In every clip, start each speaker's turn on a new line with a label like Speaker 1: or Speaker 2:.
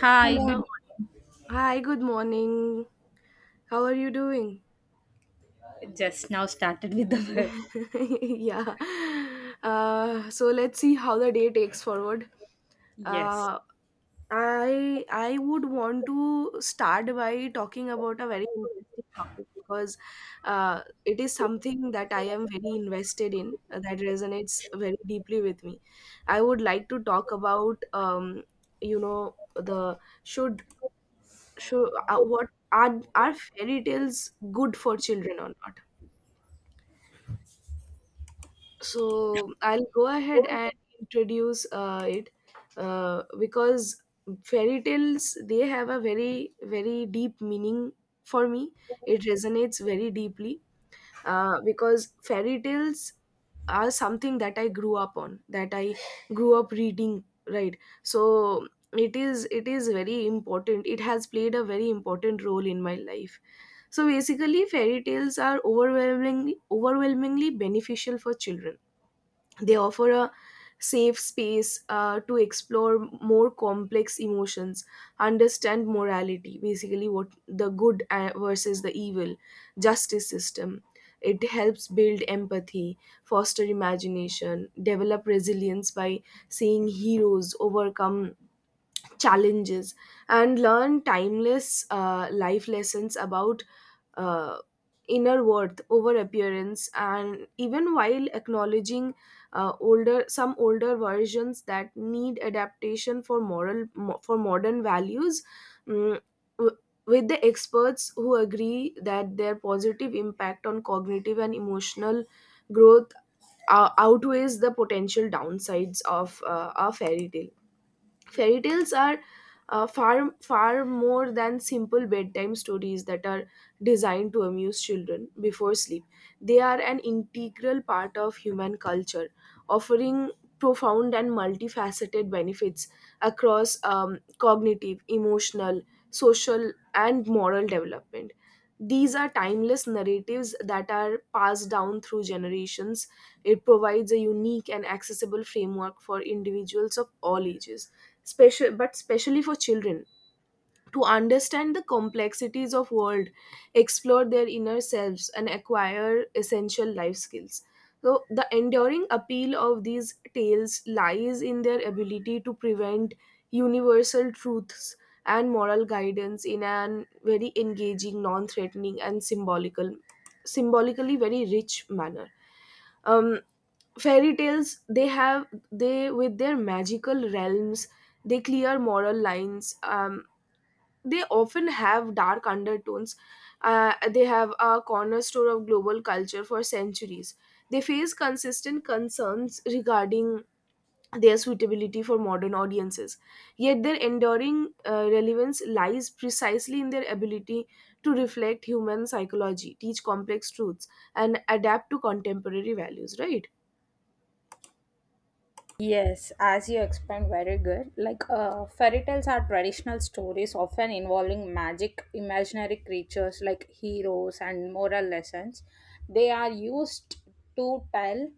Speaker 1: Hi, good.
Speaker 2: Hello. Hi, good morning. How are you doing?
Speaker 1: Morning. Just now started with the verb.
Speaker 2: yeah. So let's see how the day takes forward.
Speaker 1: Yes.
Speaker 2: Uh, I would want to start by talking about a very interesting topic because it is something that I am very invested in, that resonates very deeply with me. I would like to talk about you know the should so what are fairy tales good for children or not? So I'll go ahead and introduce it, because fairy tales they have a very deep meaning for me. It resonates very deeply, because fairy tales are something that I grew up on, that I grew up reading, right? So it is very important. It has played a very important role in my life. So basically, fairy tales are overwhelmingly beneficial for children. They offer a safe space to explore more complex emotions, understand morality, basically, what the good versus the evil, justice system. It helps build empathy, foster imagination, develop resilience by seeing heroes overcome challenges, and learn timeless life lessons about uh, inner worth over appearance, and even while acknowledging older some older versions that need adaptation for for modern values, mm, w- with the experts who agree that their positive impact on cognitive and emotional growth outweighs the potential downsides of a fairy tale. Fairy tales are far more than simple bedtime stories that are designed to amuse children before sleep. They are an integral part of human culture, offering profound and multifaceted benefits across cognitive, emotional, social and moral development. These are timeless narratives that are passed down through generations. It provides a unique and accessible framework for individuals of all ages, special but especially for children, to understand the complexities of world, explore their inner selves and acquire essential life skills. So the enduring appeal of these tales lies in their ability to prevent universal truths and moral guidance in an very engaging, non-threatening and symbolically very rich manner. um, Fairy tales they have, they with their magical realms, they clear moral lines, they often have dark undertones. They have a cornerstone of global culture for centuries. They face consistent concerns regarding their suitability for modern audiences. Yet their enduring relevance lies precisely in their ability to reflect human psychology, teach complex truths, and adapt to contemporary values, right?
Speaker 1: Yes, as you explained, very good. Like, fairy tales are traditional stories often involving magic, imaginary creatures like heroes, and moral lessons. They are used to tell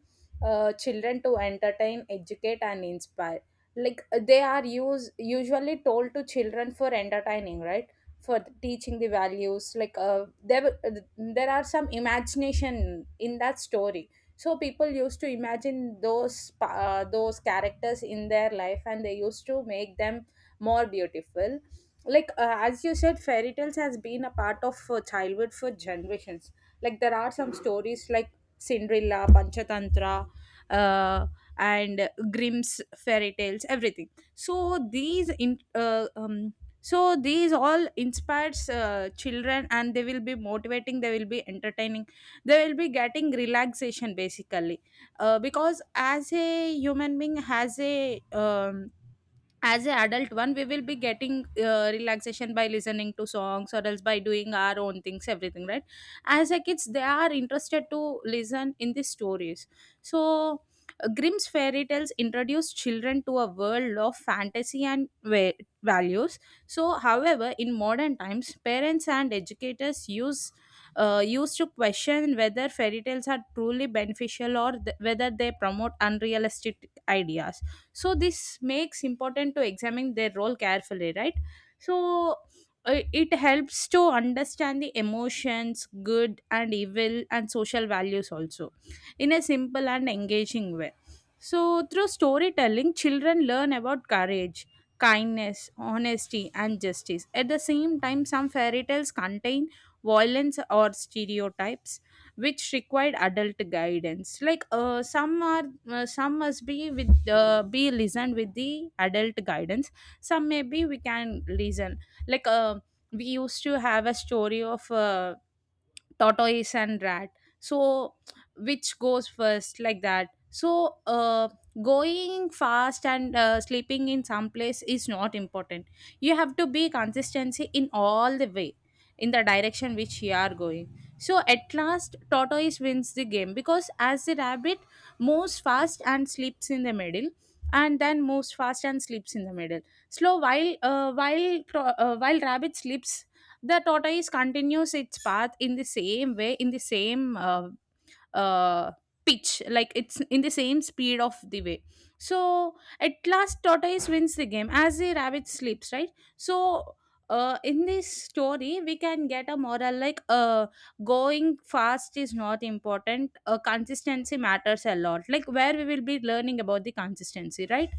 Speaker 1: children to entertain, educate, and inspire. Like, they are usually told to children for entertaining, right? For teaching the values. Like, there are some imagination in that story, so people used to imagine those characters in their life, and they used to make them more beautiful. Like, as you said, fairy tales has been a part of childhood for generations. Like there are some stories like Cinderella, Panchatantra, uh, and Grimm's fairy tales, everything. So these in so these all inspires children, and they will be motivating, they will be entertaining, they will be getting relaxation basically. Because as a human being has a um, as an adult one, we will be getting relaxation by listening to songs or else by doing our own things, everything, right? As a kids, they are interested to listen in these stories. So Grimm's fairy tales introduce children to a world of fantasy and values. So however, in modern times, parents and educators used to question whether fairy tales are truly beneficial, or whether they promote unrealistic ideas. So this makes important to examine their role carefully, right? So it helps to understand the emotions, good and evil, and social values also, in a simple and engaging way. So through storytelling, children learn about courage, kindness, honesty, and justice. At the same time, some fairy tales contain violence or stereotypes which required adult guidance. Like some must be with be listened with the adult guidance. Some maybe we can listen. Like we used to have a story of tortoise and rat. So which goes first, like that. So going fast and sleeping in some place is not important. You have to be consistency in all the way, in the direction which you are going. So at last, tortoise wins the game, because as the rabbit moves fast and sleeps in the middle, and then moves fast and sleeps in the middle slow. While rabbit sleeps, the tortoise continues its path in the same way, in the same uh, pitch, like it's in the same speed of the way. So at last, tortoise wins the game as the rabbit sleeps, right? So in this story we can get a moral like, going fast is not important, consistency matters a lot. Like where we will be learning about the consistency, right?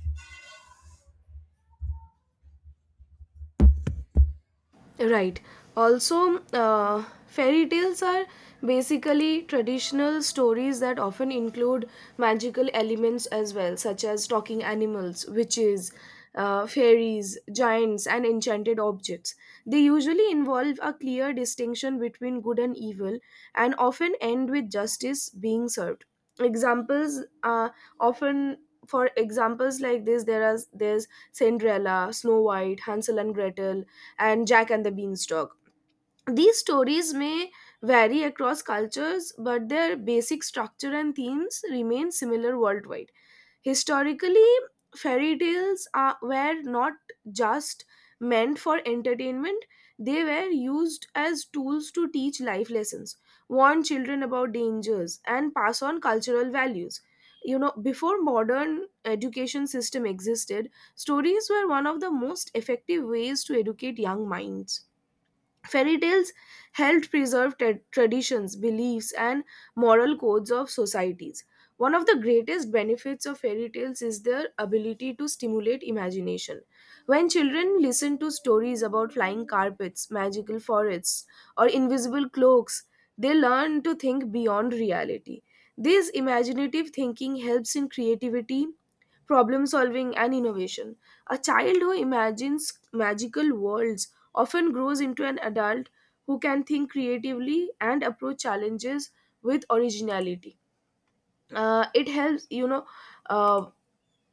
Speaker 2: Right. Also, fairy tales are basically traditional stories that often include magical elements as well, such as talking animals, witches, fairies, giants, and enchanted objects. They usually involve a clear distinction between good and evil and often end with justice being served. Examples often For examples like this, there's Cinderella, Snow White, Hansel and Gretel, and Jack and the Beanstalk. These stories may vary across cultures, but their basic structure and themes remain similar worldwide. Historically, were not just meant for entertainment, they were used as tools to teach life lessons, warn children about dangers, and pass on cultural values. You know, before modern education system existed, stories were one of the most effective ways to educate young minds. Fairy tales helped preserve traditions, beliefs, and moral codes of societies. One of the greatest benefits of fairy tales is their ability to stimulate imagination. When children listen to stories about flying carpets, magical forests, or invisible cloaks, they learn to think beyond reality. This imaginative thinking helps in creativity, problem solving, and innovation. A child who imagines magical worlds often grows into an adult who can think creatively and approach challenges with originality. Uh, it helps you know uh,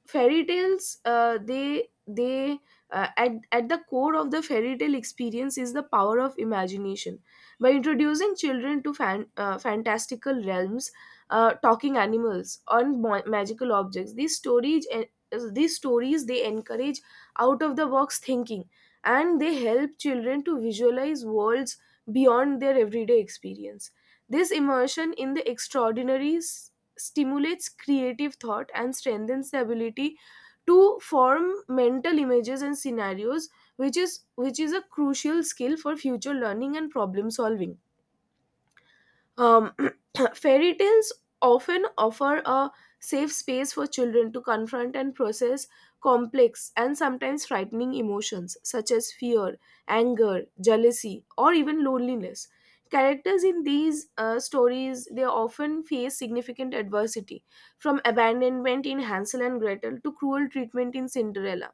Speaker 2: fairy tales they At the core of the fairy tale experience is the power of imagination. By introducing children to fantastical realms, talking animals and magical objects, these stories they encourage out of the box thinking, and they help children to visualize worlds beyond their everyday experience. This immersion in the extraordinary stimulates creative thought and strengthens the ability to form mental images and scenarios, which is a crucial skill for future learning and problem solving. um, fairy tales often offer a safe space for children to confront and process complex and sometimes frightening emotions such as fear, anger, jealousy, or even loneliness. Characters in these stories they often face significant adversity, from abandonment in Hansel and Gretel to cruel treatment in Cinderella.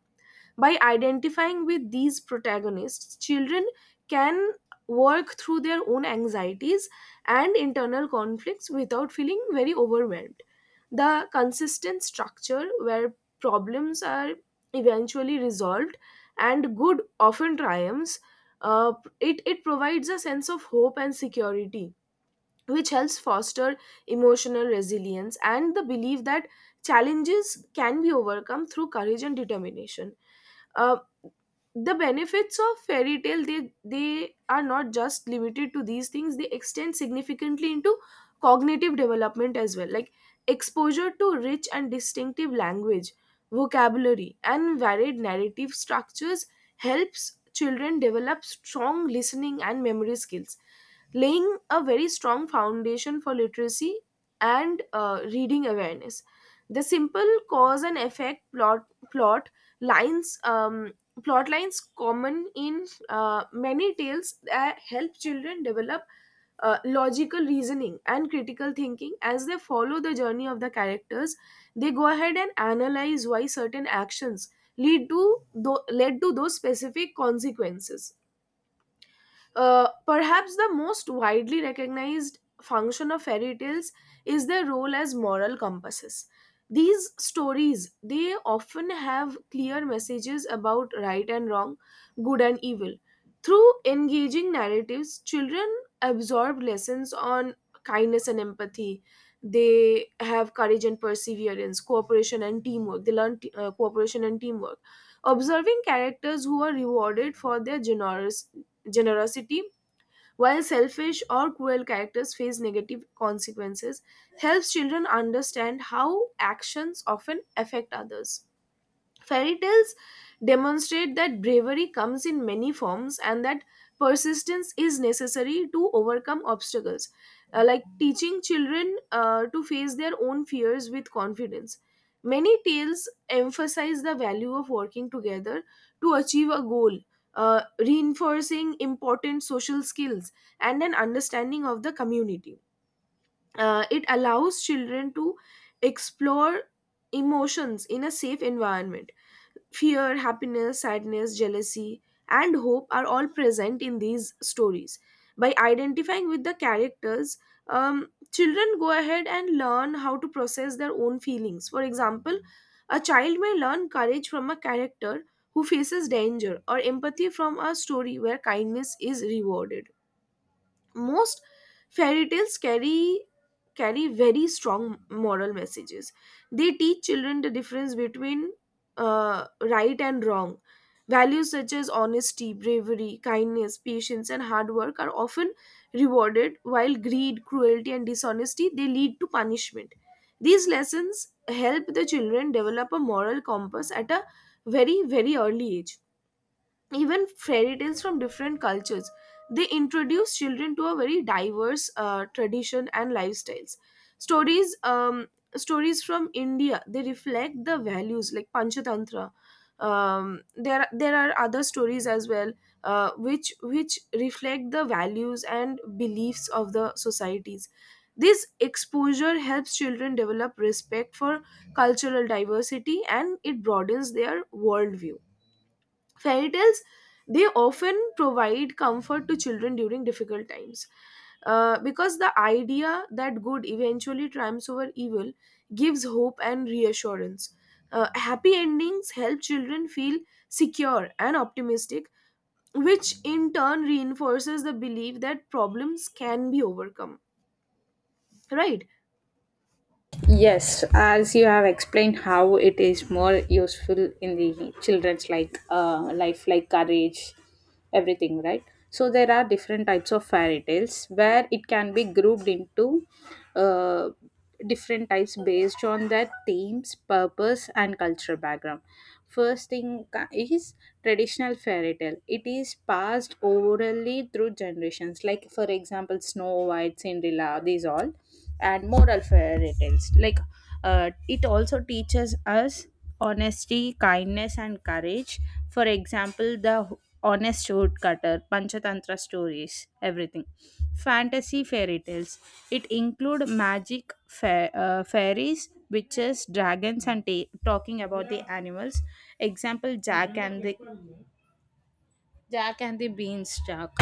Speaker 2: By identifying with these protagonists, children can work through their own anxieties and internal conflicts without feeling very overwhelmed. The consistent structure where problems are eventually resolved and good often triumphs, uh, it provides a sense of hope and security, which helps foster emotional resilience and the belief that challenges can be overcome through courage and determination. Uh, the benefits of fairy tale, they are not just limited to these things. They extend significantly into cognitive development as well, like exposure to rich and distinctive language, vocabulary and varied narrative structures helps children develop strong listening and memory skills, laying a very strong foundation for literacy and reading awareness. The simple cause and effect plot lines um, plot lines common in many tales that help children develop logical reasoning and critical thinking. As they follow the journey of the characters, they go ahead and analyze why certain actions lead to led to those specific consequences. Uh, perhaps the most widely recognized function of fairy tales is their role as moral compasses. These stories, they often have clear messages about right and wrong, good and evil. Through engaging narratives, children absorb lessons on kindness and empathy. They have courage and perseverance, cooperation and teamwork. Cooperation and teamwork, observing characters who are rewarded for their generous generosity, while selfish or cruel characters face negative consequences, helps children understand how actions often affect others. Fairy tales demonstrate that bravery comes in many forms and that persistence is necessary to overcome obstacles, like teaching children to face their own fears with confidence. Many tales emphasize the value of working together to achieve a goal, reinforcing important social skills and an understanding of the community. It allows children to explore emotions in a safe environment. Fear, happiness, sadness, jealousy, and hope are all present in these stories. By identifying with the characters, children go ahead and learn how to process their own feelings. For example, a child may learn courage from a character who faces danger, or empathy from a story where kindness is rewarded. Most fairy tales carry very strong moral messages. They teach children the difference between right and wrong. Values such as honesty, bravery, kindness, patience and hard work are often rewarded, while greed, cruelty and dishonesty, they lead to punishment. These lessons help the children develop a moral compass at a very early age. Even fairy tales from different cultures, they introduce children to a very diverse tradition and lifestyles. stories um, Stories from india, they reflect the values like panchatantra. There are other stories as well, which reflect the values and beliefs of the societies. This exposure helps children develop respect for cultural diversity and it broadens their worldview. Fairy tales, they often provide comfort to children during difficult times, because the idea that good eventually triumphs over evil gives hope and reassurance. Happy endings help children feel secure and optimistic, which in turn reinforces the belief that problems can be overcome, right?
Speaker 1: Yes, as you have explained how it is more useful in the children's like life, like courage, everything, right? So there are different types of fairy tales where it can be grouped into uh, different types based on their themes, purpose, and cultural background. First thing ca- is traditional fairy tale. It is passed orally through generations. Like for example, Snow White, Cinderella, these all. And moral fairy tales. Like it also teaches us honesty, kindness, and courage. For example, the honest woodcutter, Panchatantra stories, everything. Fantasy fairy tales. It include magic, fairies, witches, dragons, and talking about the animals. Example: Jack and the Beanstalk.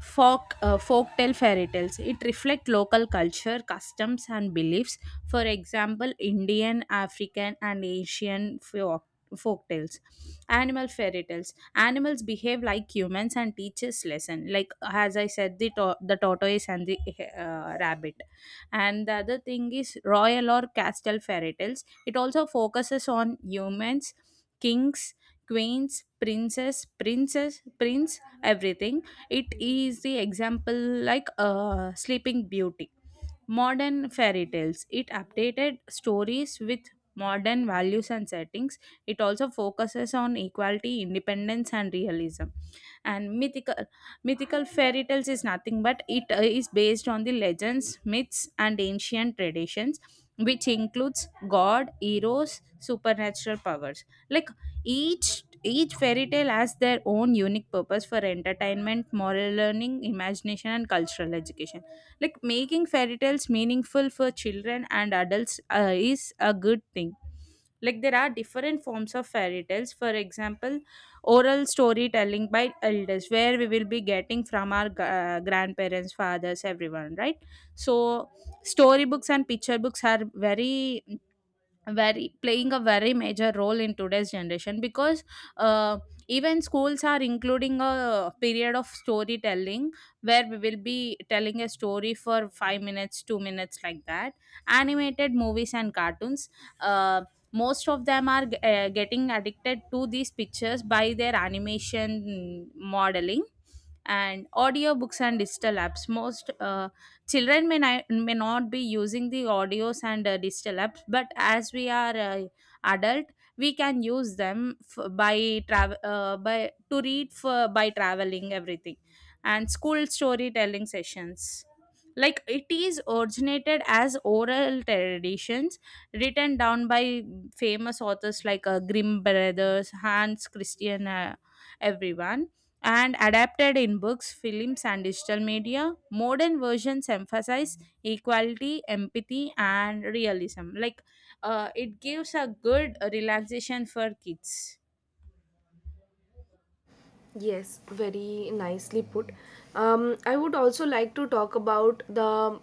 Speaker 1: Folktale fairy tales. It reflect local culture, customs, and beliefs. For example, Indian, African, and Asian folktales. Animal fairy tales. Animals behave like humans and teaches lesson. Like as I said, the tortoise and the rabbit. And the other thing is royal or castle fairy tales. It also focuses on humans, kings, queens, princess, princess, prince, everything. It is the example like Sleeping Beauty. Modern fairy tales. It updated stories with modern values and settings. It also focuses on equality, independence, and realism. And mythical fairy tales is nothing but it is based on the legends, myths, and ancient traditions, which includes god, heroes, supernatural powers. Like each fairy tale has their own unique purpose for entertainment, moral learning, imagination, and cultural education. Like making fairy tales meaningful for children and adults is a good thing. Like there are different forms of fairy tales. For example, oral storytelling by elders, where we will be getting from our grandparents, fathers, everyone, right? So storybooks and picture books are very playing a very major role in today's generation, because uh, even schools are including a period of storytelling, where we will be telling a story for 5 minutes, 2 minutes, like that. Animated movies and cartoons, uh, most of them are getting addicted to these pictures by their animation modeling. And audio books and digital apps, most children may not be using the audios and digital apps, but as we are adult, we can use them by travel, by to read for by traveling, everything. And school storytelling sessions, like it is originated as oral traditions, written down by famous authors like Grimm brothers, Hans Christian, everyone, and adapted in books, films, and digital media. Modern versions emphasize equality, empathy, and realism. Like it gives a good relaxation for kids.
Speaker 2: Yes, very nicely put. um, I would also like to talk about the,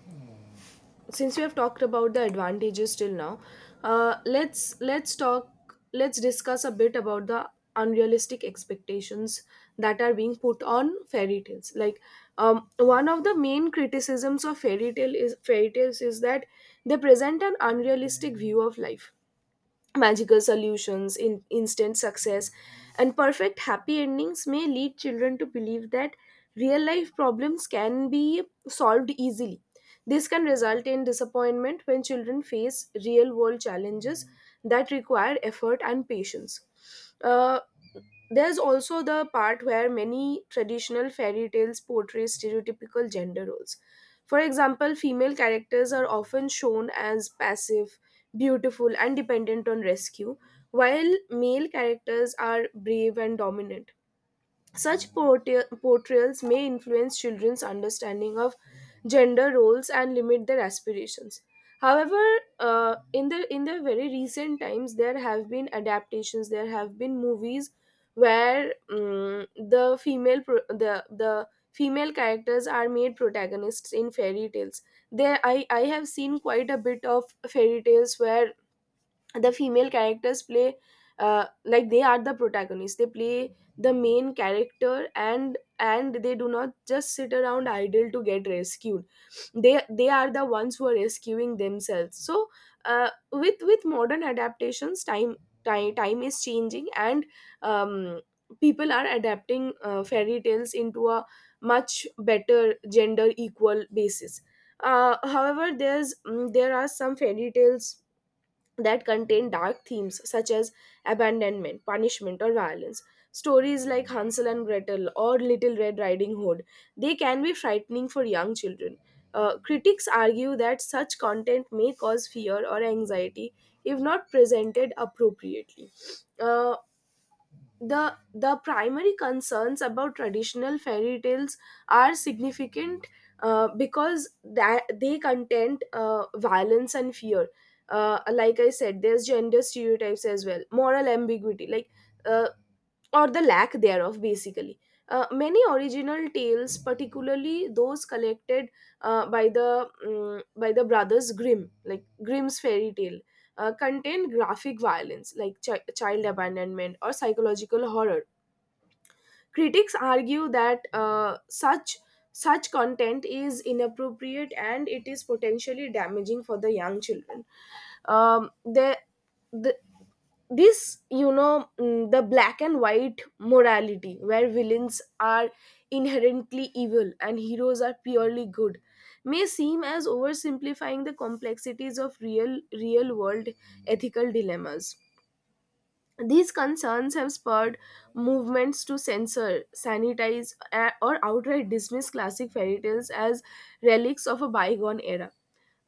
Speaker 2: since we have talked about the advantages till now, let's discuss a bit about the unrealistic expectations that are being put on fairy tales, like, one of the main criticisms of fairy tales is that they present an unrealistic view of life. Magical solutions in instant success and perfect happy endings may lead children to believe that real life problems can be solved easily. This can result in disappointment when children face real world challenges that require effort and patience. Uh, there's also the part where many traditional fairy tales portray stereotypical gender roles. For example, female characters are often shown as passive, beautiful, and dependent on rescue, while male characters are brave and dominant. Such portrayals may influence children's understanding of gender roles and limit their aspirations. However, in the very recent times, there have been adaptations. There have been movies where the female characters are made protagonists in fairy tales. There, I have seen quite a bit of fairy tales where the female characters play like they are the protagonists. They play the main character, and they do not just sit around idle to get rescued. They are the ones who are rescuing themselves. So with modern adaptations, time is changing, and um, people are adapting fairy tales into a much better gender equal basis. However, there are some fairy tales that contain dark themes such as abandonment, punishment, or violence. Stories like Hansel and Gretel or Little Red Riding Hood, they can be frightening for young children. Critics argue that such content may cause fear or anxiety if not presented appropriately. Uh, the primary concerns about traditional fairy tales are significant because that they contain violence and fear. Like I said, there's gender stereotypes as well, moral ambiguity, like uh, or the lack thereof basically. Many original tales, particularly those collected by the Brothers Grimm, like Grimm's fairy tale, contain graphic violence like child abandonment or psychological horror. Critics argue that such content is inappropriate and it is potentially damaging for the young children. There, the, this, the black and white morality where villains are inherently evil and heroes are purely good may seem as oversimplifying the complexities of real world ethical dilemmas. These concerns have spurred movements to censor, sanitize, or outright dismiss classic fairy tales as relics of a bygone era.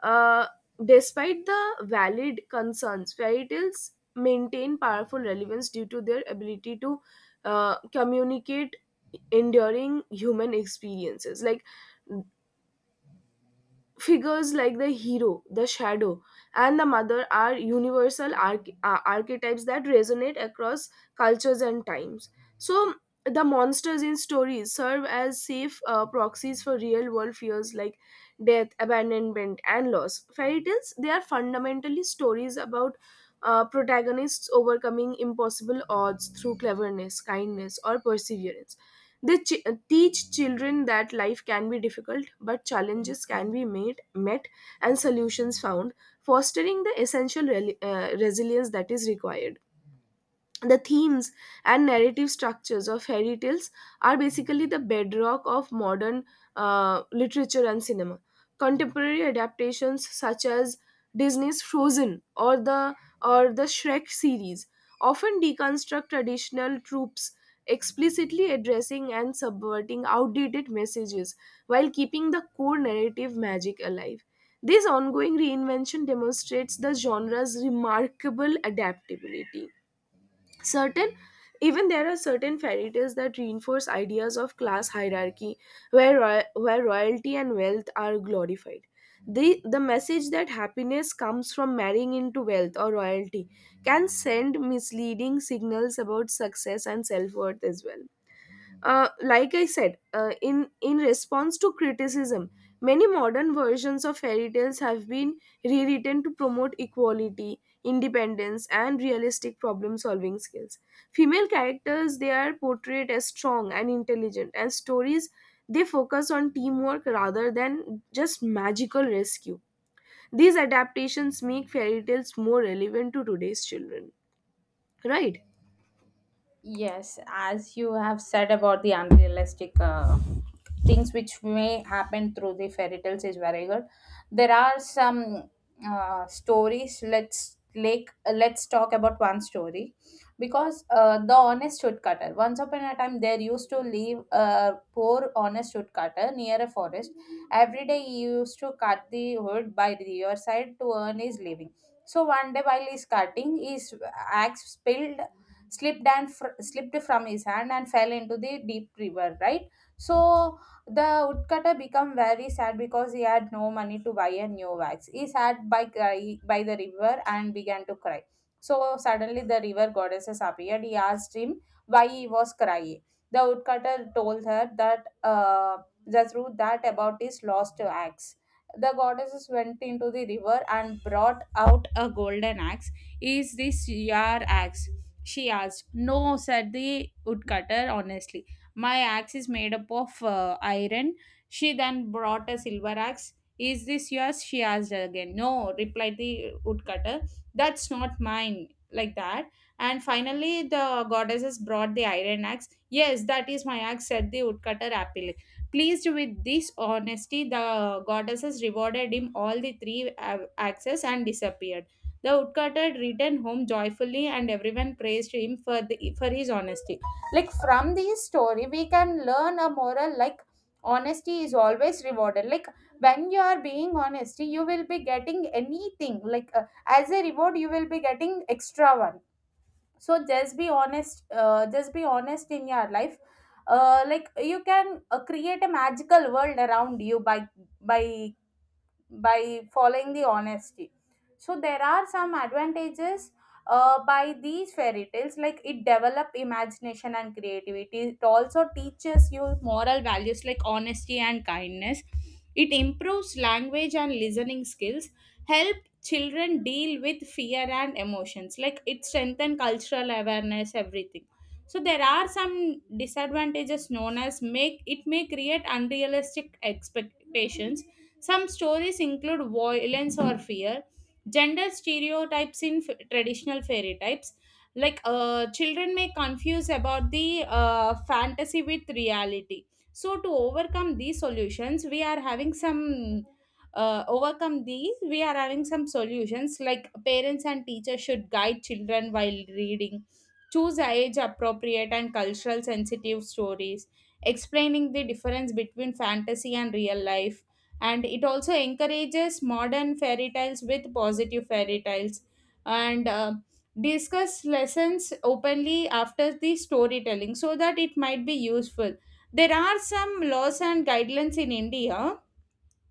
Speaker 2: Uh, Despite the valid concerns, fairy tales maintain powerful relevance due to their ability to communicate enduring human experiences. Like figures like the hero, the shadow, and the mother are universal archetypes that resonate across cultures and times. So the monsters in stories serve as safe proxies for real world fears like death, abandonment, and loss. Fairy tales, they are fundamentally stories about protagonists overcoming impossible odds through cleverness, kindness, or perseverance. Teach children that life can be difficult, but challenges can be made, met, and solutions found, fostering the essential resilience that is required. The themes and narrative structures of fairy tales are basically the bedrock of modern literature and cinema. Contemporary adaptations such as Disney's Frozen or the Shrek series often deconstruct traditional tropes, explicitly addressing and subverting outdated messages while keeping the core narrative magic alive. This ongoing reinvention demonstrates the genre's remarkable adaptability. Certain, even there are certain fairy tales that reinforce ideas of class hierarchy, where where royalty and wealth are glorified. The message that happiness comes from marrying into wealth or royalty can send misleading signals about success and self-worth as well. Like I said, in response to criticism, many modern versions of fairy tales have been rewritten to promote equality, independence, and realistic problem-solving skills. Female characters, they are portrayed as strong and intelligent, and stories, they focus on teamwork rather than just magical rescue. These adaptations make fairy tales more relevant to today's children, right?
Speaker 1: Yes, as you have said about the unrealistic things which may happen through the fairy tales is very good. There are some stories. Let's talk about one story. Because the honest woodcutter. Once upon a time, there used to live a poor honest woodcutter near a forest. Every day, he used to cut the wood by the riverside to earn his living. So one day while he's cutting, his axe spilled slipped slipped from his hand and fell into the deep river, right? So the woodcutter became very sad because he had no money to buy a new axe. He sat by by the river and began to cry. So suddenly the river goddesses appeared. He asked him why he was crying. The woodcutter told her that the truth that about his lost axe. The goddesses went into the river and brought out a golden axe. "Is this your axe?" she asked. "No," said the woodcutter honestly. "My axe is made up of iron." She then brought a silver axe. "Is this yours?" she asked again. "No," replied the woodcutter. "That's not mine." Like that. And finally, the goddesses brought the iron axe. "Yes, that is my axe," said the woodcutter happily. Pleased with this honesty, the goddesses rewarded him all the three axes and disappeared. The woodcutter returned home joyfully, and everyone praised him for his honesty. Like from this story, we can learn a moral like, honesty is always rewarded. Like when you are being honest, you will be getting anything. Like as a reward, you will be getting extra one. So just be honest. Just be honest in your life. Like you can create a magical world around you by by following the honesty. So there are some advantages by these fairy tales, like it develop imagination and creativity, it also teaches you moral values like honesty and kindness, it improves language and listening skills, help children deal with fear and emotions, like it strengthen cultural awareness, everything. So there are some disadvantages known as, make it may create unrealistic expectations, some stories include violence or fear, gender stereotypes in traditional fairy types. Like children may confuse about the fantasy with reality. So to overcome these solutions, we are having some solutions like parents and teachers should guide children while reading, choose age appropriate and cultural sensitive stories, explaining the difference between fantasy and real life, and it also encourages modern fairy tales with positive fairy tales, and discuss lessons openly after the storytelling, so that it might be useful. There are some laws and guidelines in India,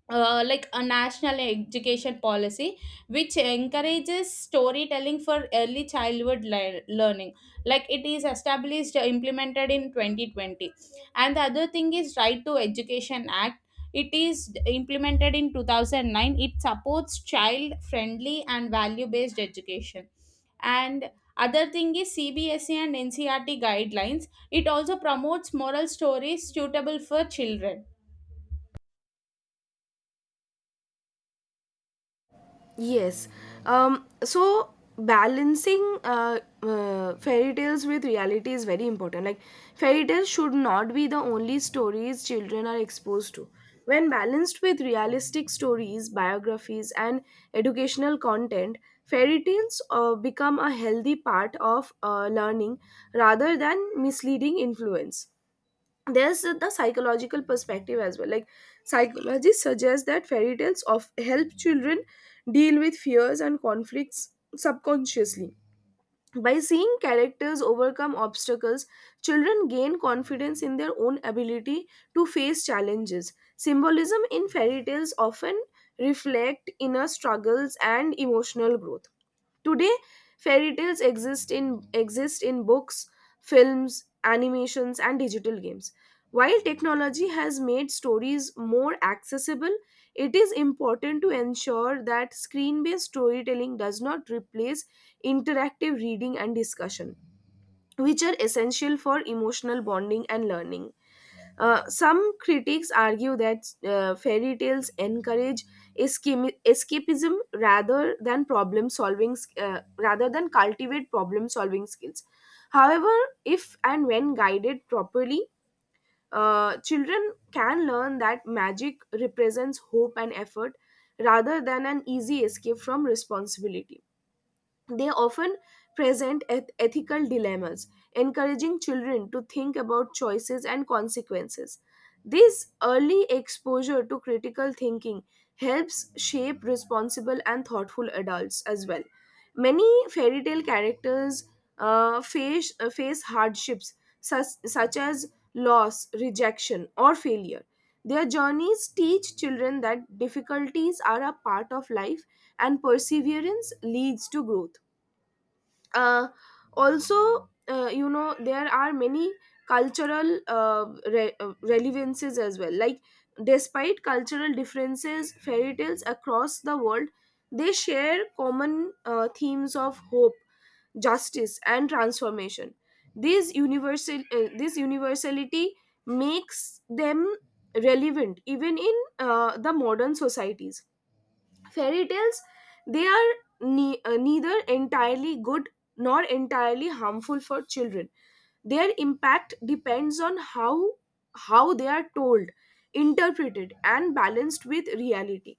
Speaker 1: like a national education policy, which encourages storytelling for early childhood learning. Like it is established, implemented in 2020. And the other thing is right to education act. It is implemented in 2009. It supports child friendly and value based education. And other thing is CBSE and NCRT guidelines. It also promotes moral stories suitable for children.
Speaker 2: Yes. So balancing fairy tales with reality is very important. Like fairy tales should not be the only stories children are exposed to. When balanced with realistic stories, biographies, and educational content, fairy tales become a healthy part of learning rather than misleading influence. There's the psychological perspective as well. Like psychology suggests that fairy tales of help children deal with fears and conflicts subconsciously. By seeing characters overcome obstacles, children gain confidence in their own ability to face challenges. Symbolism in fairy tales often reflect inner struggles and emotional growth. Today, fairy tales exist in books, films, animations, and digital games. While technology has made stories more accessible, it is important to ensure that screen-based storytelling does not replace interactive reading and discussion, which are essential for emotional bonding and learning. Some critics argue that fairy tales encourage escapism rather than problem solving, rather than cultivate problem solving skills. However, if and when guided properly, children can learn that magic represents hope and effort rather than an easy escape from responsibility. They often present ethical dilemmas, encouraging children to think about choices and consequences. This early exposure to critical thinking helps shape responsible and thoughtful adults as well. Many fairy tale characters face hardships such as loss, rejection, or failure. Their journeys teach children that difficulties are a part of life and perseverance leads to growth. uh, Also, you know, there are many cultural relevances as well. Like despite cultural differences, fairy tales across the world, they share common themes of hope, justice, and transformation. These universal This universality makes them relevant even in the modern societies. Fairy tales, they are neither entirely good nor entirely harmful for children. Their impact depends on how they are told, interpreted, and balanced with reality.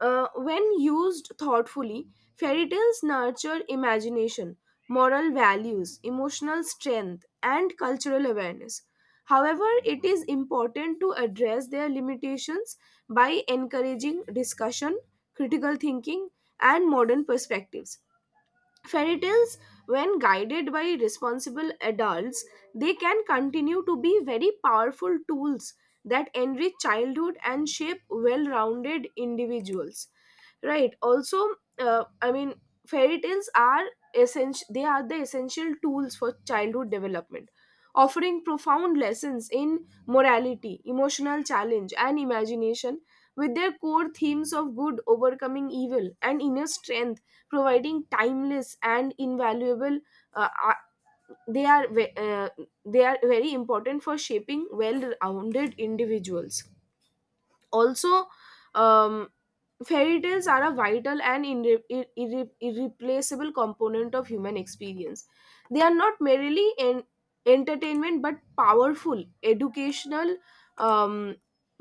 Speaker 2: When used thoughtfully, fairy tales nurture imagination, moral values, emotional strength, and cultural awareness. However, it is important to address their limitations by encouraging discussion, critical thinking, and modern perspectives. Fairy tales, when guided by responsible adults, they can continue to be very powerful tools that enrich childhood and shape well rounded individuals, right? Also, I mean, fairy tales are essential. They are the essential tools for childhood development, offering profound lessons in morality, emotional challenge, and imagination, with their core themes of good overcoming evil and inner strength providing timeless and invaluable uh, ar- they are ve- uh, they are very important for shaping well rounded individuals. Also, um, fairy tales are a vital and irreplaceable component of human experience. They are not merely an entertainment but um,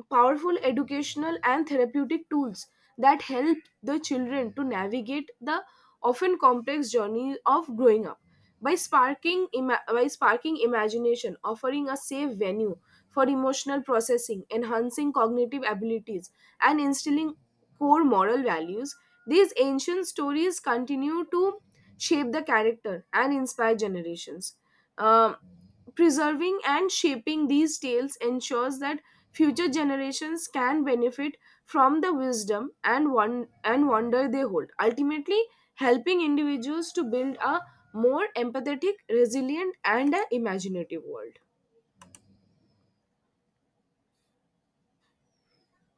Speaker 2: powerful educational and therapeutic tools that help the children to navigate the often complex journey of growing up. By by sparking imagination, offering a safe venue for emotional processing, enhancing cognitive abilities, and instilling core moral values, these ancient stories continue to shape the character and inspire generations. Um, Preserving and shaping these tales ensures that future generations can benefit from the wisdom and one and wonder they hold, ultimately helping individuals to build a more empathetic, resilient, and a imaginative world.